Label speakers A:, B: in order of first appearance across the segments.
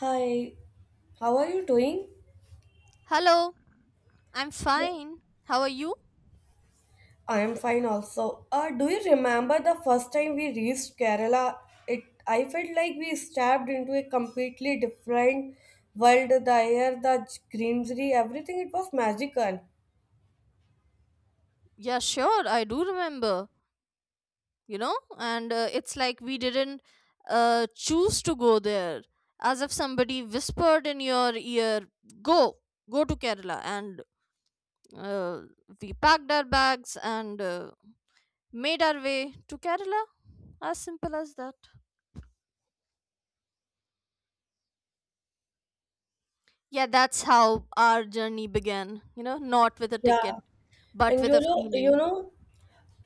A: Hi, how are you doing?
B: Hello, I'm
A: Yeah.
B: fine. How are you?
A: I am fine also. Do you remember the first time we reached Kerala? It I felt like we stepped into a completely different world. The air, the greenery, everything it was magical.
B: Yeah, sure, I do remember, you know, and it's like we didn't choose to go there, as if somebody whispered in your ear, go, go to Kerala. And uh, we packed our bags and made our way to Kerala. As simple as that. Yeah, that's how our journey began, you know, not with a
A: Yeah,
B: ticket, but
A: and
B: with a feeling.
A: know,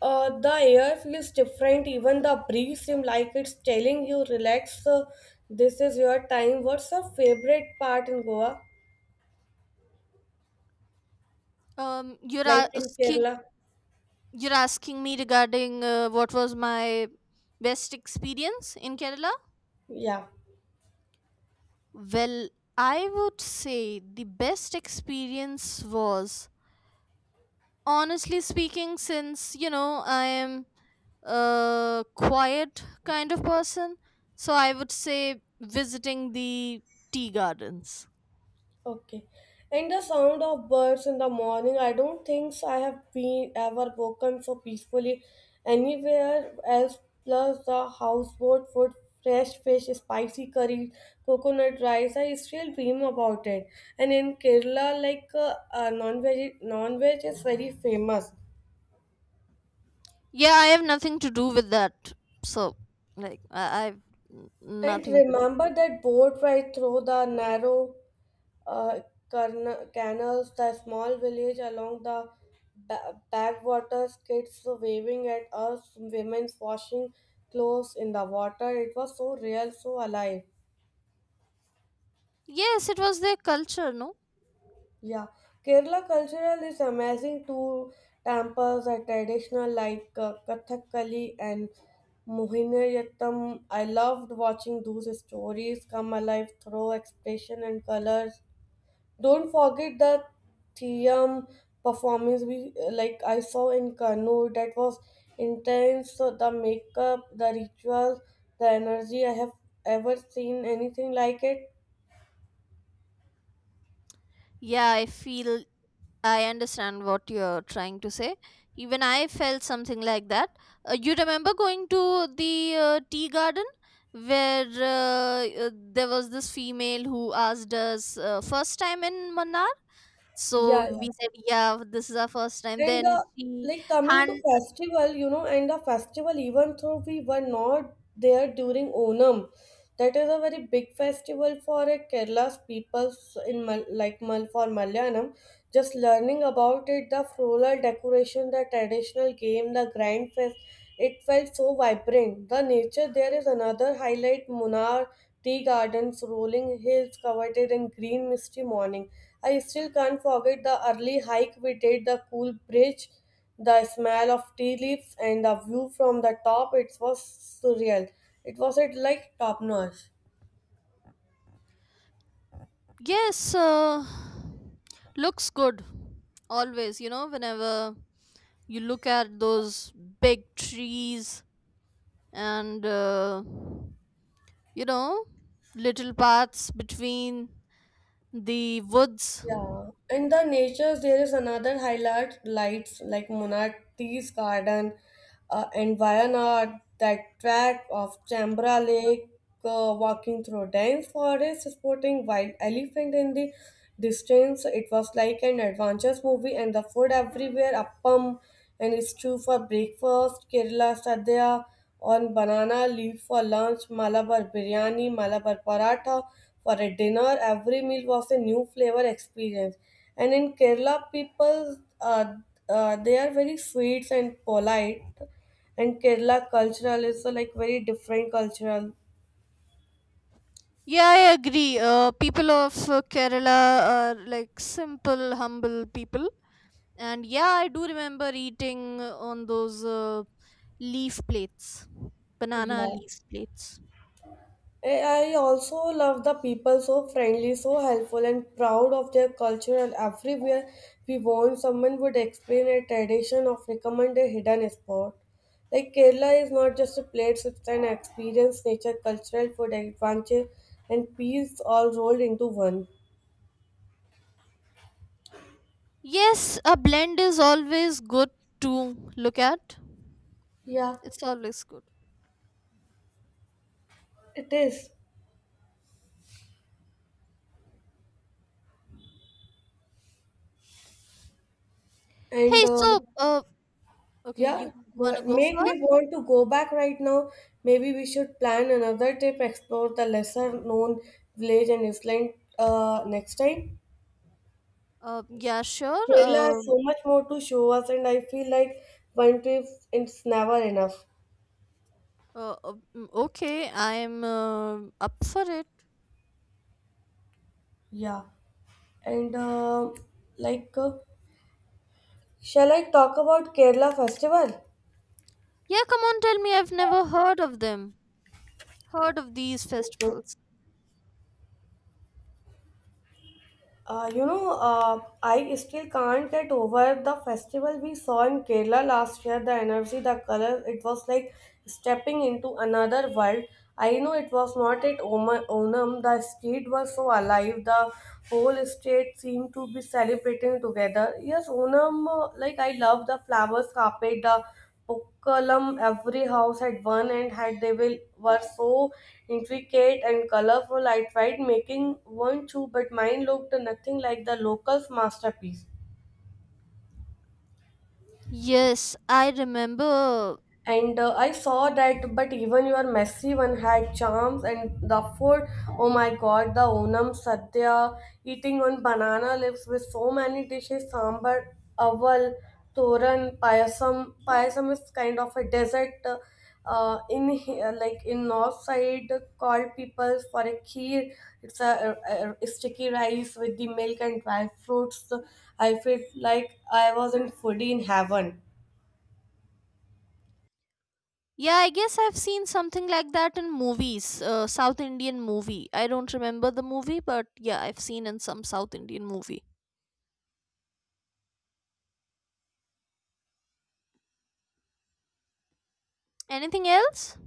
A: uh, the air feels different. Even the breeze seems like it's telling you, relax. This is your time. What's your favorite part in Goa?
B: Um, you're
A: Like in
B: asking
A: Kerala?
B: You're asking me regarding what was my best experience in Kerala?
A: Yeah.
B: Well, I would say the best experience was, honestly speaking, since, you know, I am a quiet kind of person. So I would say visiting the tea gardens.
A: Okay. And the sound of birds in the morning, I don't think so I have been ever woken so peacefully anywhere else. Plus, the houseboat food, fresh fish, spicy curry, coconut rice. I still dream about it. And in Kerala, like non-veg, non-veg is very famous.
B: Yeah, I have nothing to do with that. So, I've n-
A: And
B: nothing to do.
A: remember that boat ride through the narrow uh, canals, the small village along the backwaters, kids waving at us, women washing clothes in the water. It was so real, so alive.
B: Yes, it was their culture, no?
A: Yeah, Kerala cultural is amazing too. Temples are traditional like Kathakali and Mohiniyattam. I loved watching those stories come alive through expression and colors. Don't forget the Theum performance we like I saw in Kannur that was intense. So the makeup, the rituals, the energy. I have ever seen anything like it.
B: Yeah, I understand what you're trying to say. Even I felt something like that. You remember going to the tea garden where there was this female who asked us first time in Manar?
A: Yeah,
B: So
A: yeah.
B: we said, yeah, this is our first time.
A: And
B: Then
A: the
B: she
A: like coming to
B: hand
A: festival, you know, and the festival even though we were not there during Onam, that is a very big festival for a Kerala's people in for Malayalam. Just learning about it, the floral decoration, the traditional game, the grand fest, it felt so vibrant. The nature there is another highlight. Munnar tea gardens, rolling hills covered in green, misty morning. I still can't forget the early hike we did, the cool bridge the smell of tea leaves and the view from the top, it was surreal. It was at like top notch.
B: yes, looks good. Always, you know, whenever you look at those big trees and. You know, little paths between the woods.
A: Yeah, and the nature there is another highlight lights like Monarchies Garden and Wayanad, that track of Chambra Lake, walking through dense forest, sporting wild elephant in the distance. It was like an adventurous movie, and the food everywhere appam and stew for breakfast, Kerala sadhya on banana leaf for lunch, Malabar biryani, Malabar paratha for a dinner. Every meal was a new flavor experience. And in Kerala, people they are very sweet and polite. And Kerala cultural is like very different cultural.
B: Yeah, I agree. People of Kerala are like simple, humble people. And yeah, I do remember eating on those leaf plates, banana
A: Yeah.
B: leaf plates.
A: I also love the people so friendly, so helpful, and proud of their culture. And everywhere we went, someone would explain a tradition or recommend a hidden spot. Like Kerala is not just a place; it's an experience, nature, cultural food, adventure, and peace all rolled into one.
B: Yes, a blend is always good to look at.
A: Yeah,
B: It's always good.
A: it is. And
B: Hey, so okay,
A: Yeah,
B: you wanna go
A: make me
B: first?
A: want to go back right now. Maybe we should plan another trip, explore the lesser known village and island next time.
B: Yeah, sure.
A: Kerala has so much more to show us, and I feel like one trip is never enough.
B: Okay, I'm up for it.
A: Yeah, and uh, like, uh, Shall I talk about Kerala festival?
B: Yeah, come on, tell me. I've never heard of them. Heard of these festivals.
A: I still can't get over the festival we saw in Kerala last year. The energy, the color, it was like stepping into another world. I know it was not at Onam, the street was so alive, the whole state seemed to be celebrating together. Yes, Onam, like I love the flowers carpet, the Pukkalam, every house had one and had they will were so intricate and colorful. I tried making one too, but mine looked nothing like the locals' masterpiece.
B: Yes, I remember.
A: And I saw that, but even your messy one had charms. And the food, oh my god, the Onam Sadhya, eating on banana leaves with so many dishes sambar, aval, toran, payasam. Payasam is kind of a dessert like in north side called people for a kheer. It's a sticky rice with the milk and dry fruits. I feel like I was in foodie in heaven.
B: Yeah, I guess I've seen something like that in movies, South Indian movie. I don't remember the movie, but yeah, I've seen in some South Indian movie. Anything else?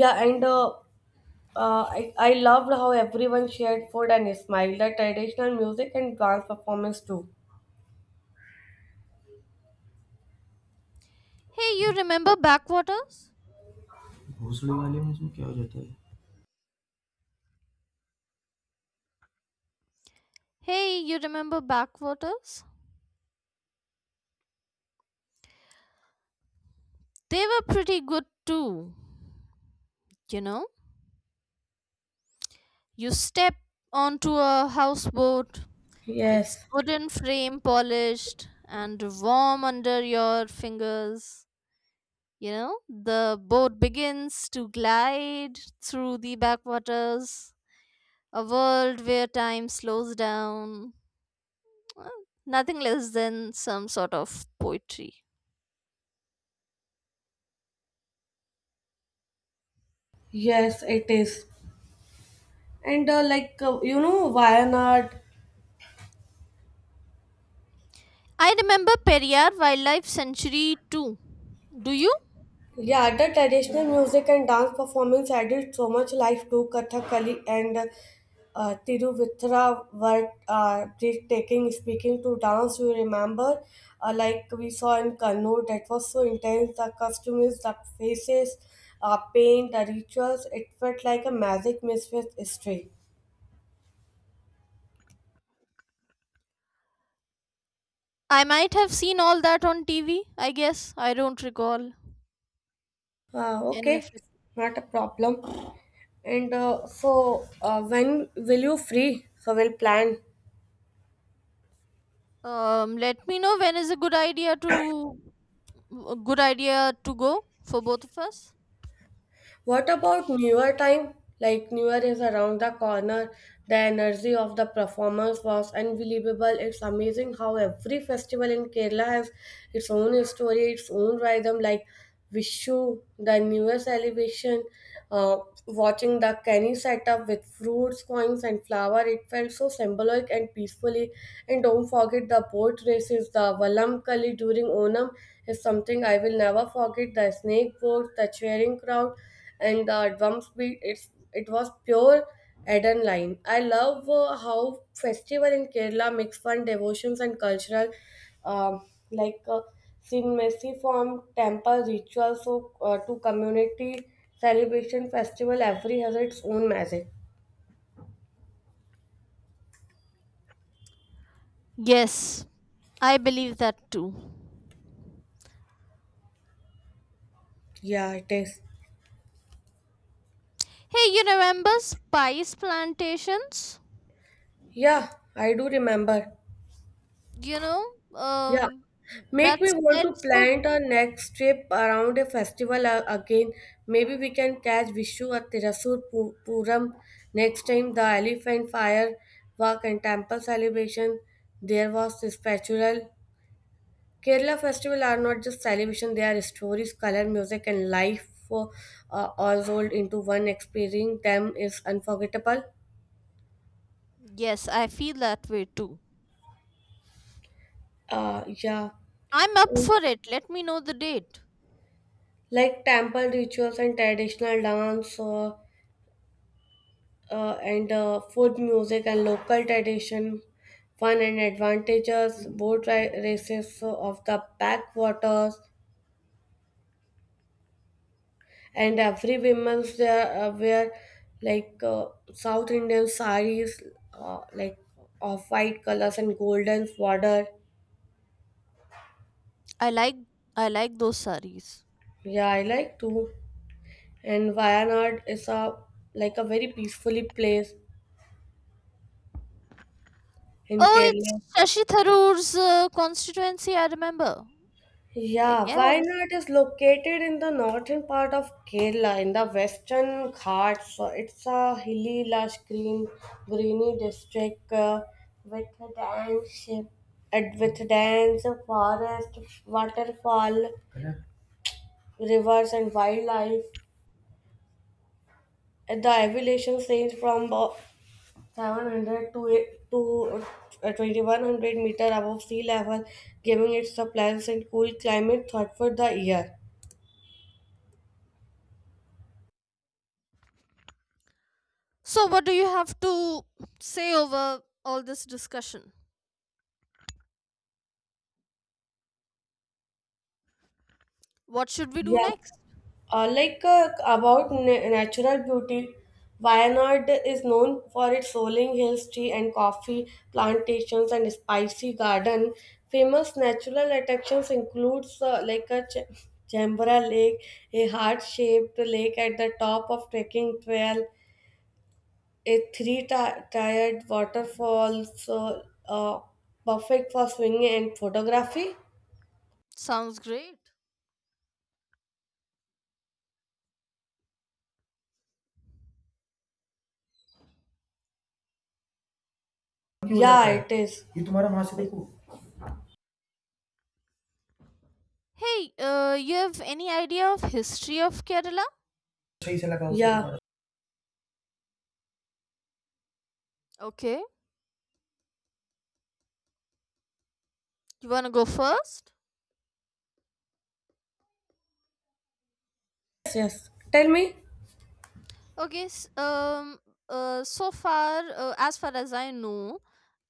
A: Yeah, and uh, I loved how everyone shared food and smiled at traditional music and dance performance too.
B: Hey, you remember Backwaters?
A: घोंसले वाले में इसमें क्या हो जाता है
B: Hey, you remember Backwaters? They were pretty good too, you know? You step onto a houseboat. It's
A: Yes,
B: wooden frame polished and warm under your fingers. You know, the boat begins to glide through the backwaters, a world where time slows down. Uh, Nothing less than some sort of poetry.
A: yes, it is. And like You know, Wayanad
B: I remember Periyar Wildlife Sanctuary too. Do you?
A: yeah, the traditional music and dance performance added so much life to Kathakali and Tiruvithra were breathtaking. Speaking to dance, you remember, we saw in Kannur, that was so intense. The costumes, the faces, paint, the rituals, it felt like a magic mixed with history.
B: I might have seen all that on TV, I guess. I don't recall any of
A: Okay,
B: it.
A: not a problem. When will you free? So we'll plan.
B: Let me know when is a good idea to go for both of us.
A: What about newer time? Like newer is around the corner. The energy of the performers was unbelievable. It's amazing how every festival in Kerala has its own story, its own rhythm. Like Vishu, the newer celebration, uh, watching the canny setup with fruits, coins, and flower. It felt so symbolic and peacefully. And don't forget the boat races, the Valam Kali during Onam is something I will never forget. The snake boat, the cheering crowd, and the drum beat it was pure adrenaline. I love how festival in Kerala mix fun, devotions, and cultural, um like uh, cinemacy from temple rituals so, to community celebration festival. Every has its own magic.
B: Yes, I believe that too.
A: Yeah, it is.
B: Hey, you remember spice plantations?
A: Yeah, I do remember.
B: You know,
A: Yeah,
B: um,
A: Make
B: that
A: me want to
B: smells so.
A: plan our next trip around a festival again. Maybe we can catch Vishu at Tirasur Puram next time. The elephant fire walk and temple celebration. There was this spiritual. Kerala festival are not just celebration; they are stories, color, music, and life for all rolled into one. Experiencing them is unforgettable.
B: Yes, I feel that way too.
A: Yeah.
B: I'm up for it. Let me know the date.
A: Like temple rituals and traditional dance, or and food, music, and local tradition, fun and advantages, boat races of the backwaters, and every women's there wear like uh, South Indian saris, uh, like of white colors and golden border.
B: I like I like those saris.
A: Yeah, I like to. And Wayanad is a like a very peacefully place in
B: Oh, it's
A: Kerala.
B: Shashi Tharoor's constituency. I remember. I
A: Yeah,
B: guess.
A: Wayanad is located in the northern part of Kerala in the Western Ghats. So it's a hilly, lush, green, greeny district with a dense, and with dense forest, waterfall, rivers, and wildlife. And the elevations range from about 700 to 2100 meter above sea level, giving it a pleasant, cool climate throughout the year.
B: So, what do you have to say over all this discussion? What should we do
A: Yeah.
B: next?
A: Natural beauty, Wayanad is known for its rolling hills, tea and coffee plantations, and spicy garden. Famous natural attractions includes Jambara Lake, a heart-shaped lake at the top of trekking trail, a three-tiered waterfall, so uh, uh, perfect for swinging and photography.
B: Sounds great.
A: क्यों हो जाता Yeah, जाता है it is. ये तुम्हारा वहां से देखो
B: Hey, you have any idea of history of Kerala?
A: सही से लगा उसे Yeah.
B: Okay, you wanna go first?
A: Yes, yes. Tell me.
B: Okay, so far, as far as I know,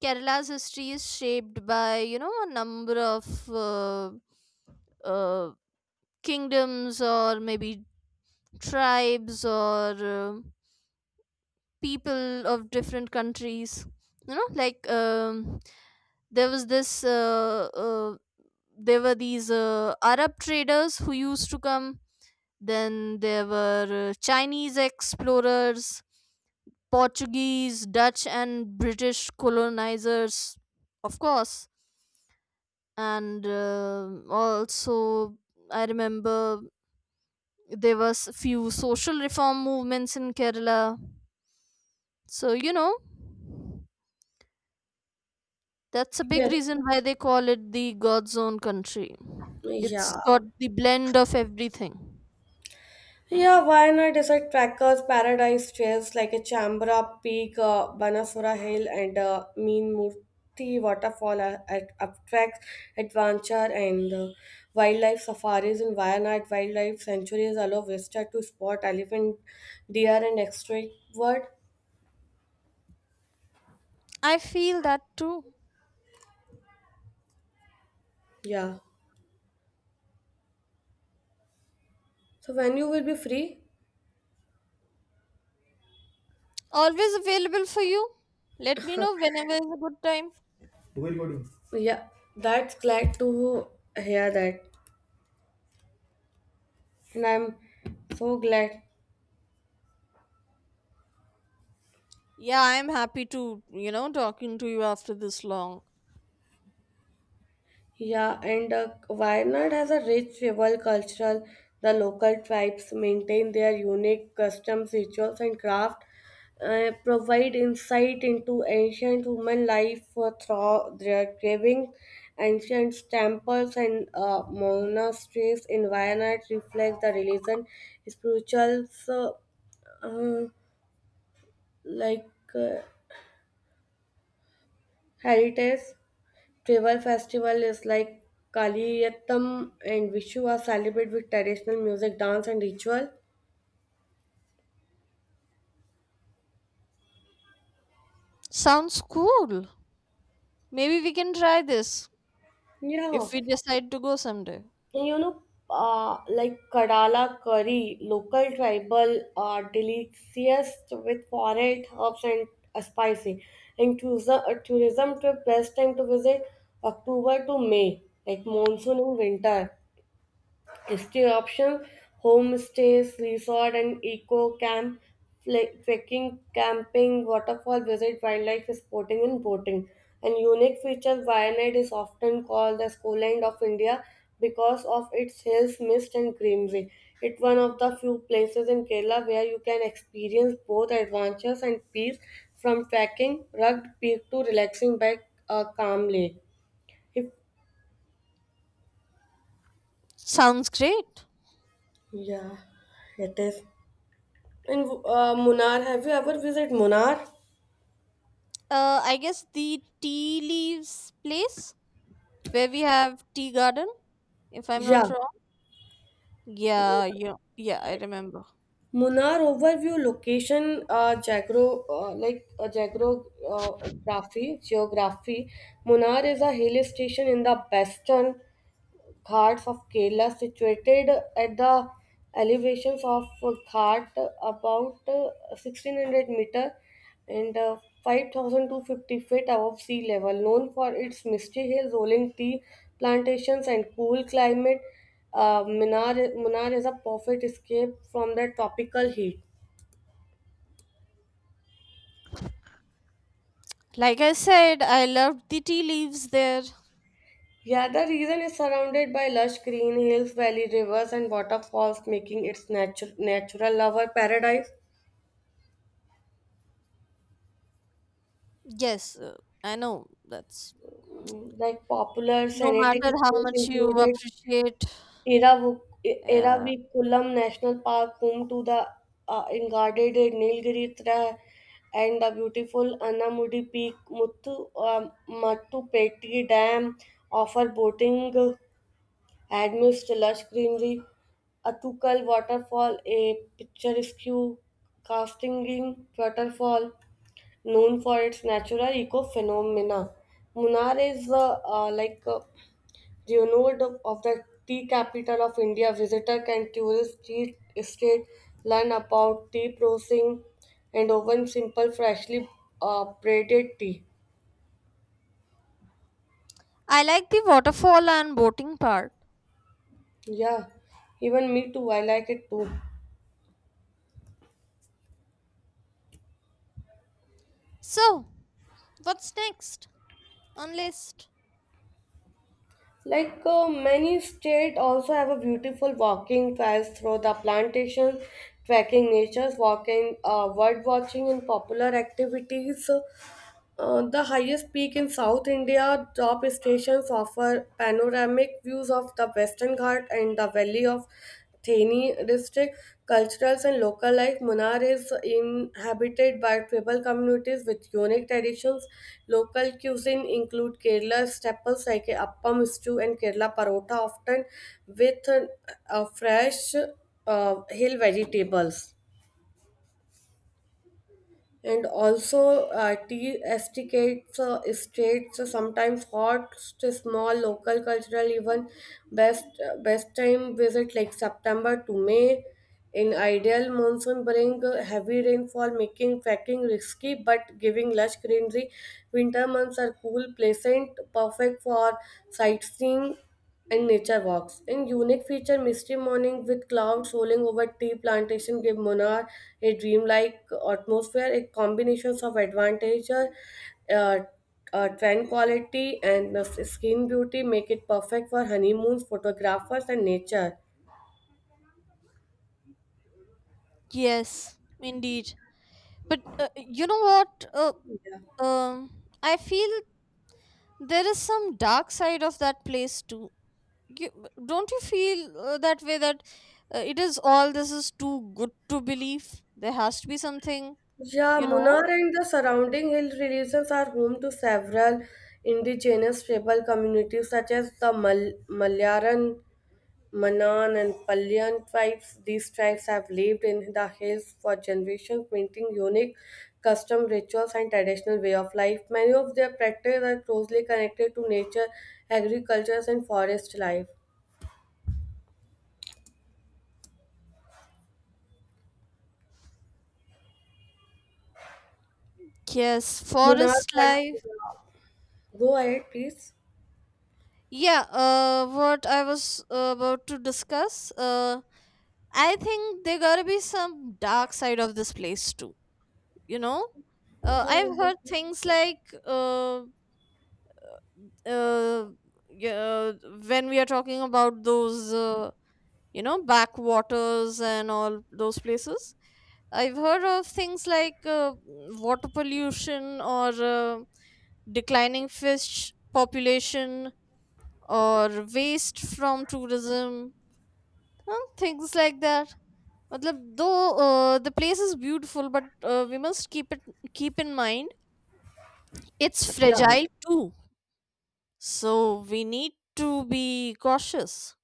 B: Kerala's history is shaped by you know a number of uh, uh, kingdoms or maybe tribes or people of different countries. You know, there was this there were these arab traders who used to come. Then there were Chinese explorers, Portuguese, Dutch, and British colonizers, of course. And also, I remember there was few social reform movements in Kerala. So you know, that's a big
A: Yes.
B: reason why they call it the God's own country. It's
A: Yeah.
B: got the blend of everything.
A: Yeah, why not decide trackers, paradise trails like a Chambra Peak, Banasura Hill, and Mean Murti Waterfall at Uptracks Adventure and wildlife safaris in Wayanad Wildlife Sanctuaries allow visitors to spot elephant, deer, and exotic bird.
B: I feel that too.
A: Yeah. So when you will be free?
B: Always available for you. Let me know whenever is a good time.
A: Do Yeah, that's glad to hear that, and I'm so glad.
B: Yeah, I'm happy to, you know, talking to you after this long.
A: Yeah, and Wayanad has a rich rival cultural. The local tribes maintain their unique customs, rituals, and craft, provide insight into ancient human life through their carving. Ancient temples and monasteries in Wayanad reflect the religion, spirituals, uh, like uh, heritage. Tribal festival is like Kaliyattam and Vishu are celebrated with traditional music, dance, and ritual.
B: Sounds cool. Maybe we can try this
A: Yeah,
B: if we decide to go someday.
A: and you know, like Kadala curry, local tribal delicious with forest herbs and spicy. And tourism trip best time to visit October to May, like monsoon and winter. Stay options homestays, resort and eco camp, trekking, camping, waterfall visit, wildlife sporting and boating. An unique feature, Wayanad is often called the Schoolland of India because of its hills, mist and greenery. It's one of the few places in Kerala where you can experience both adventures and peace from trekking rugged peak to relaxing by a calm lake. If,
B: Sounds great.
A: yeah, it is. In Munnar, have you ever visited Munnar?
B: I guess the tea leaves place where we have tea garden, if I'm not
A: Yeah,
B: wrong.
A: you are
B: Yeah, I
A: right.
B: remember.
A: Munnar overview location, geography. Munnar is a hill station in the western Ghats of Kerala, situated at the elevations of Ghat about 1600 meter and 5250 feet above sea level, known for its misty hills, rolling tea plantations, and cool climate. Munar is a perfect escape from the tropical heat.
B: Like I said, I loved the tea leaves there.
A: Yeah, the region is surrounded by lush green hills, valley rivers, and waterfalls, making it natural lover paradise.
B: Yes, I know. That's
A: Like popular
B: no
A: scenic
B: matter how
A: spots
B: much you
A: included
B: appreciate.
A: Eravu-
B: Yeah.
A: Eravikulam National Park, home to the guarded Nilgiri Trail and the beautiful Annamudi Peak, Mattu Petri Dam offer boating, amidst lush greenery, Atukal Waterfall, a picturesque cascading waterfall known for its natural eco phenomena. Munnar is do you know the tea capital of India? Visitor can tourist tea estate learn about tea processing and oven simple freshly braided tea.
B: I like the waterfall and boating part.
A: Yeah, even me too. I like it too.
B: So, what's next on list?
A: Like many states also have a beautiful walking trails through the plantations, trekking nature's walking, bird watching and popular activities. The highest peak in South India, top stations offer panoramic views of the Western Ghat and the valley of Thane district. Culturals and local life, Munnar is inhabited by tribal communities with unique traditions. Local cuisine include Kerala staples like appam stew and Kerala parota, often with fresh hill vegetables and also tea estates states sometimes host small local cultural even best best time visit like September to May in ideal monsoon bring heavy rainfall making trekking risky but giving lush greenery. Winter months are cool pleasant perfect for sightseeing and nature walks. In unique feature, misty morning with clouds rolling over tea plantation give Munnar a dreamlike atmosphere. A combination of advantage, tranquility, and skin beauty make it perfect for honeymoons, photographers, and nature.
B: Yes, indeed. But you know what?
A: Yeah.
B: I feel there is some dark side of that place too. You, don't you feel that way that it is all this is too good to believe? There has to be something,
A: Yeah,
B: you know?
A: Munnar and the surrounding hill regions are home to several indigenous tribal communities such as the Malayaran Manan and Palyan tribes, these tribes have lived in the hills for generations, maintaining unique custom rituals and traditional way of life. Many of their practices are closely connected to nature, agriculture, and forest life.
B: Yes,
A: Munar,
B: forest
A: but
B: life.
A: go ahead, please.
B: Yeah, what I was about to discuss, I think there gotta be some dark side of this place too, you know?
A: Yeah,
B: I've heard things like uh, uh, yeah, when we are talking about those, you know, backwaters and all those places, I've heard of things like water pollution or declining fish population or waste from tourism and things like that, matlab though the place is beautiful but we must keep in mind it's
A: yeah,
B: fragile too, so we need to be cautious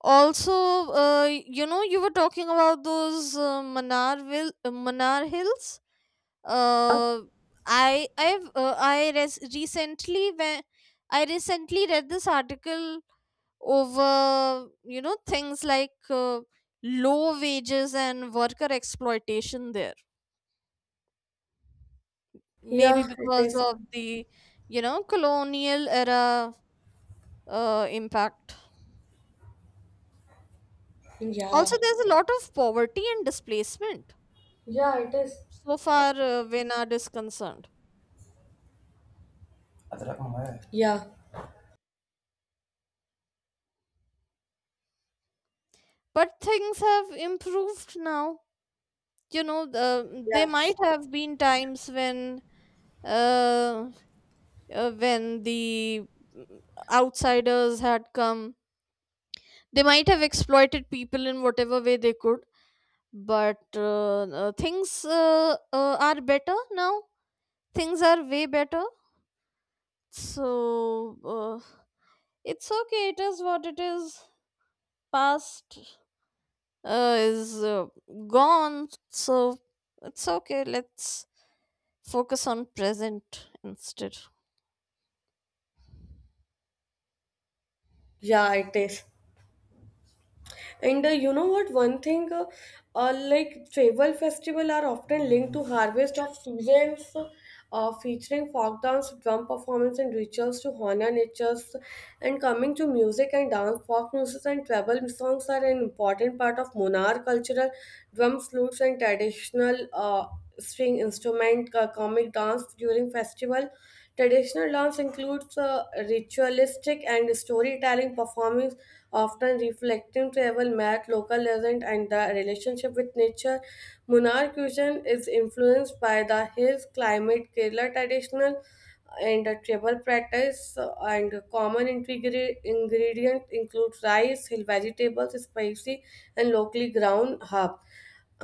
B: also. uh, you know, you were talking about those manar hills. Uh, I I've I res- recently when I recently read this article over, you know, things like low wages and worker exploitation there, maybe
A: yeah. It
B: because
A: is.
B: of the, you know, colonial era impact.
A: Yeah,
B: Also, there's a lot of poverty and displacement,
A: yeah. It is.
B: so far Vinod is concerned.
A: अदरक मंगाया है। Yeah,
B: But things have improved now. You know,
A: yeah,
B: there might have been times when uh, uh, when the mm, outsiders had come. They might have exploited people in whatever way they could, but things are better now. Things are way better, so uh, it's okay, it is what it is. Past is gone, so it's okay. Let's focus on present instead.
A: yeah. It is. And you know what? One thing, like travel festival are often linked to harvest of seasons, featuring folk dance, drum performance, and rituals to honor natures. And coming to music and dance, folk music and travel songs are an important part of Monar cultural drums, flutes, and traditional string instrument comic dance during festival. Traditional dance includes ritualistic and storytelling performings, often reflecting tribal myth, local legend, and the relationship with nature. Munnar cuisine is influenced by the hills climate, Kerala traditional and the tribal practice and common ingredient include rice, hill vegetables, spicy and locally ground herb.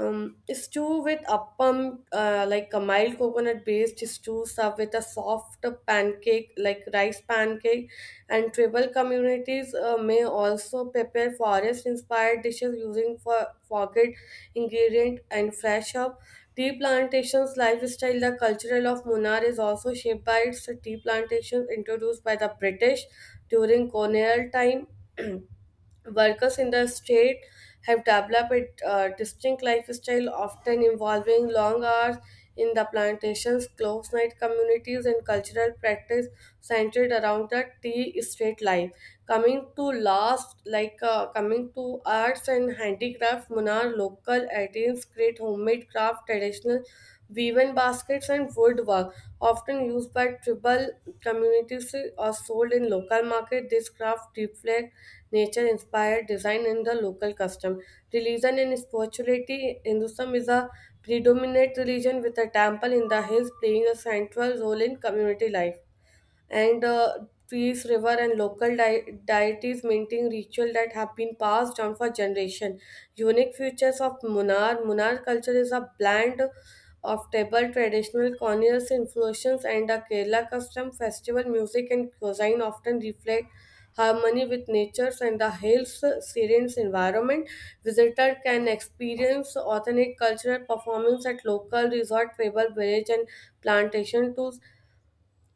A: Stew with appam, like a mild coconut based stew served with a soft pancake, like rice pancake. And tribal communities may also prepare forest inspired dishes using for forget ingredient and fresh up. Tea plantations lifestyle, the cultural of Munnar is also shaped by its tea plantations introduced by the British during colonial time. Workers in the state have developed a distinct lifestyle, often involving long hours in the plantations, close night communities, and cultural practice centered around the tea estate life. Coming to last, like coming to arts and handicraft, Munar local artisans create homemade craft, traditional woven baskets, and woodwork, often used by tribal communities or sold in local market. This craft reflects nature inspired design and the local custom. Religion and spirituality. Hinduism is a predominant religion with a temple in the hills playing a central role in community life and trees, river, and local deities maintain ritual that have been passed down for generation. Unique features of Munar. Munar culture is a blend of table, traditional colonial influences, and a Kerala custom. Festival music and cuisine often reflect harmony with nature and the hills, serene environment. Visitor can experience authentic cultural performance at local resort, tribal village, and plantation to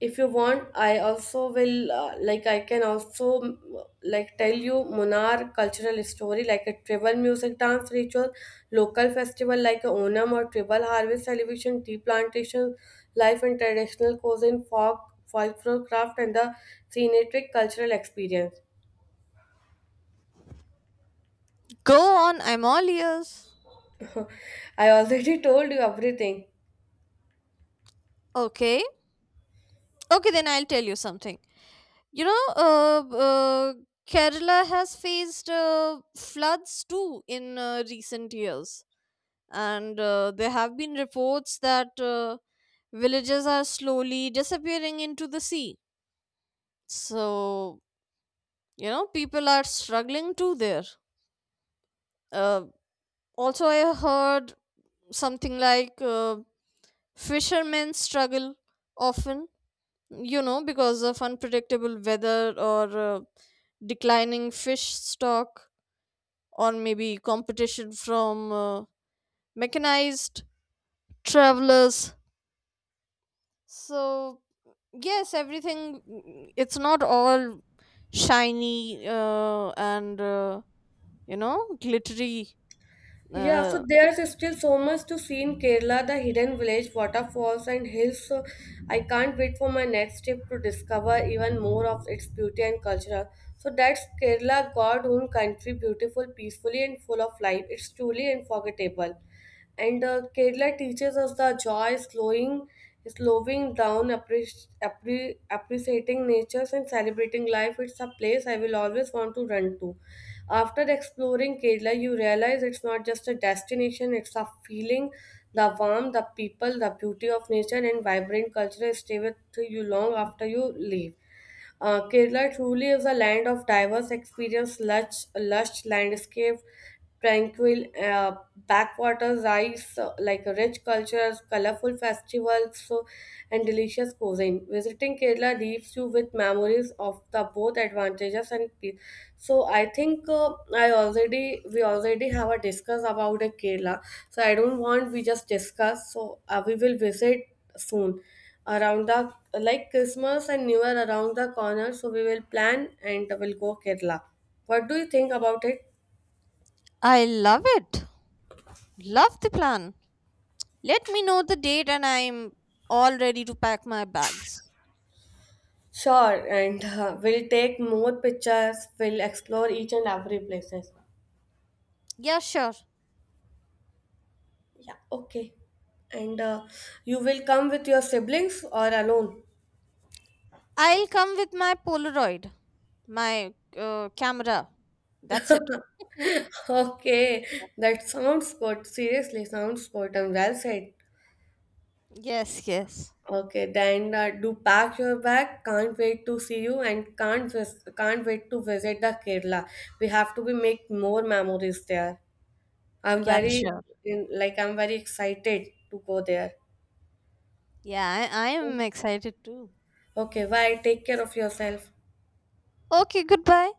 A: if you want I also will like I can also like tell you Munar cultural story like a tribal music dance ritual local festival like a Onam or tribal harvest celebration tea plantation life and traditional cuisine folk folklore craft and the scenic cultural experience.
B: Go on, I'm all ears.
A: I already told you everything.
B: Okay, okay, then I'll tell you something. You know, Kerala has faced floods too in recent years, and there have been reports that villages are slowly disappearing into the sea. So, you know, people are struggling too there. Uh, Also, I heard something like fishermen struggle often, you know, because of unpredictable weather or declining fish stock, or maybe competition from mechanized travelers. So, yes, everything, it's not all shiny and, you know, glittery.
A: Yeah, so
B: Uh,
A: there's still so much to see in Kerala, the hidden village, waterfalls, and hills. So I can't wait for my next trip to discover even more of its beauty and culture. So that's Kerala, God own country, beautiful, peacefully, and full of life. It's truly unforgettable. And Kerala teaches us the joy slowing, slowing down, appreciating nature and celebrating life. It's a place I will always want to run to. After exploring Kerala, you realize it's not just a destination; it's a feeling. The warmth, the people, the beauty of nature, and vibrant culture stay with you long after you leave. Kerala truly is a land of diverse experience, lush, lush landscape, tranquil backwaters, rice, like rich cultures, colorful festivals, so, and delicious cuisine. Visiting Kerala leaves you with memories of the both advantages and so I think I already we already have a discuss about a Kerala. So I don't want we just discuss. So we will visit soon around the like Christmas and New Year around the corner. So we will plan and we'll go Kerala. What do you think about it?
B: I love it. Love the plan. Let me know the date and I'm all ready to pack my bags.
A: Sure, and we'll take more pictures. We'll explore each and every places.
B: Yeah, sure.
A: Yeah, okay. And you will come with your siblings or alone?
B: I'll come with my Polaroid, my camera. That's it.
A: Okay, that sounds good. Seriously, sounds good and well said.
B: Yes, yes.
A: Okay, then do pack your bag. Can't wait to see you and can't wait to visit the Kerala. We have to be make more memories there. I'm
B: Yeah,
A: very
B: sure.
A: in, like I'm very excited to go there.
B: Yeah, I am excited too.
A: Okay, bye. Take care of yourself.
B: Okay, goodbye.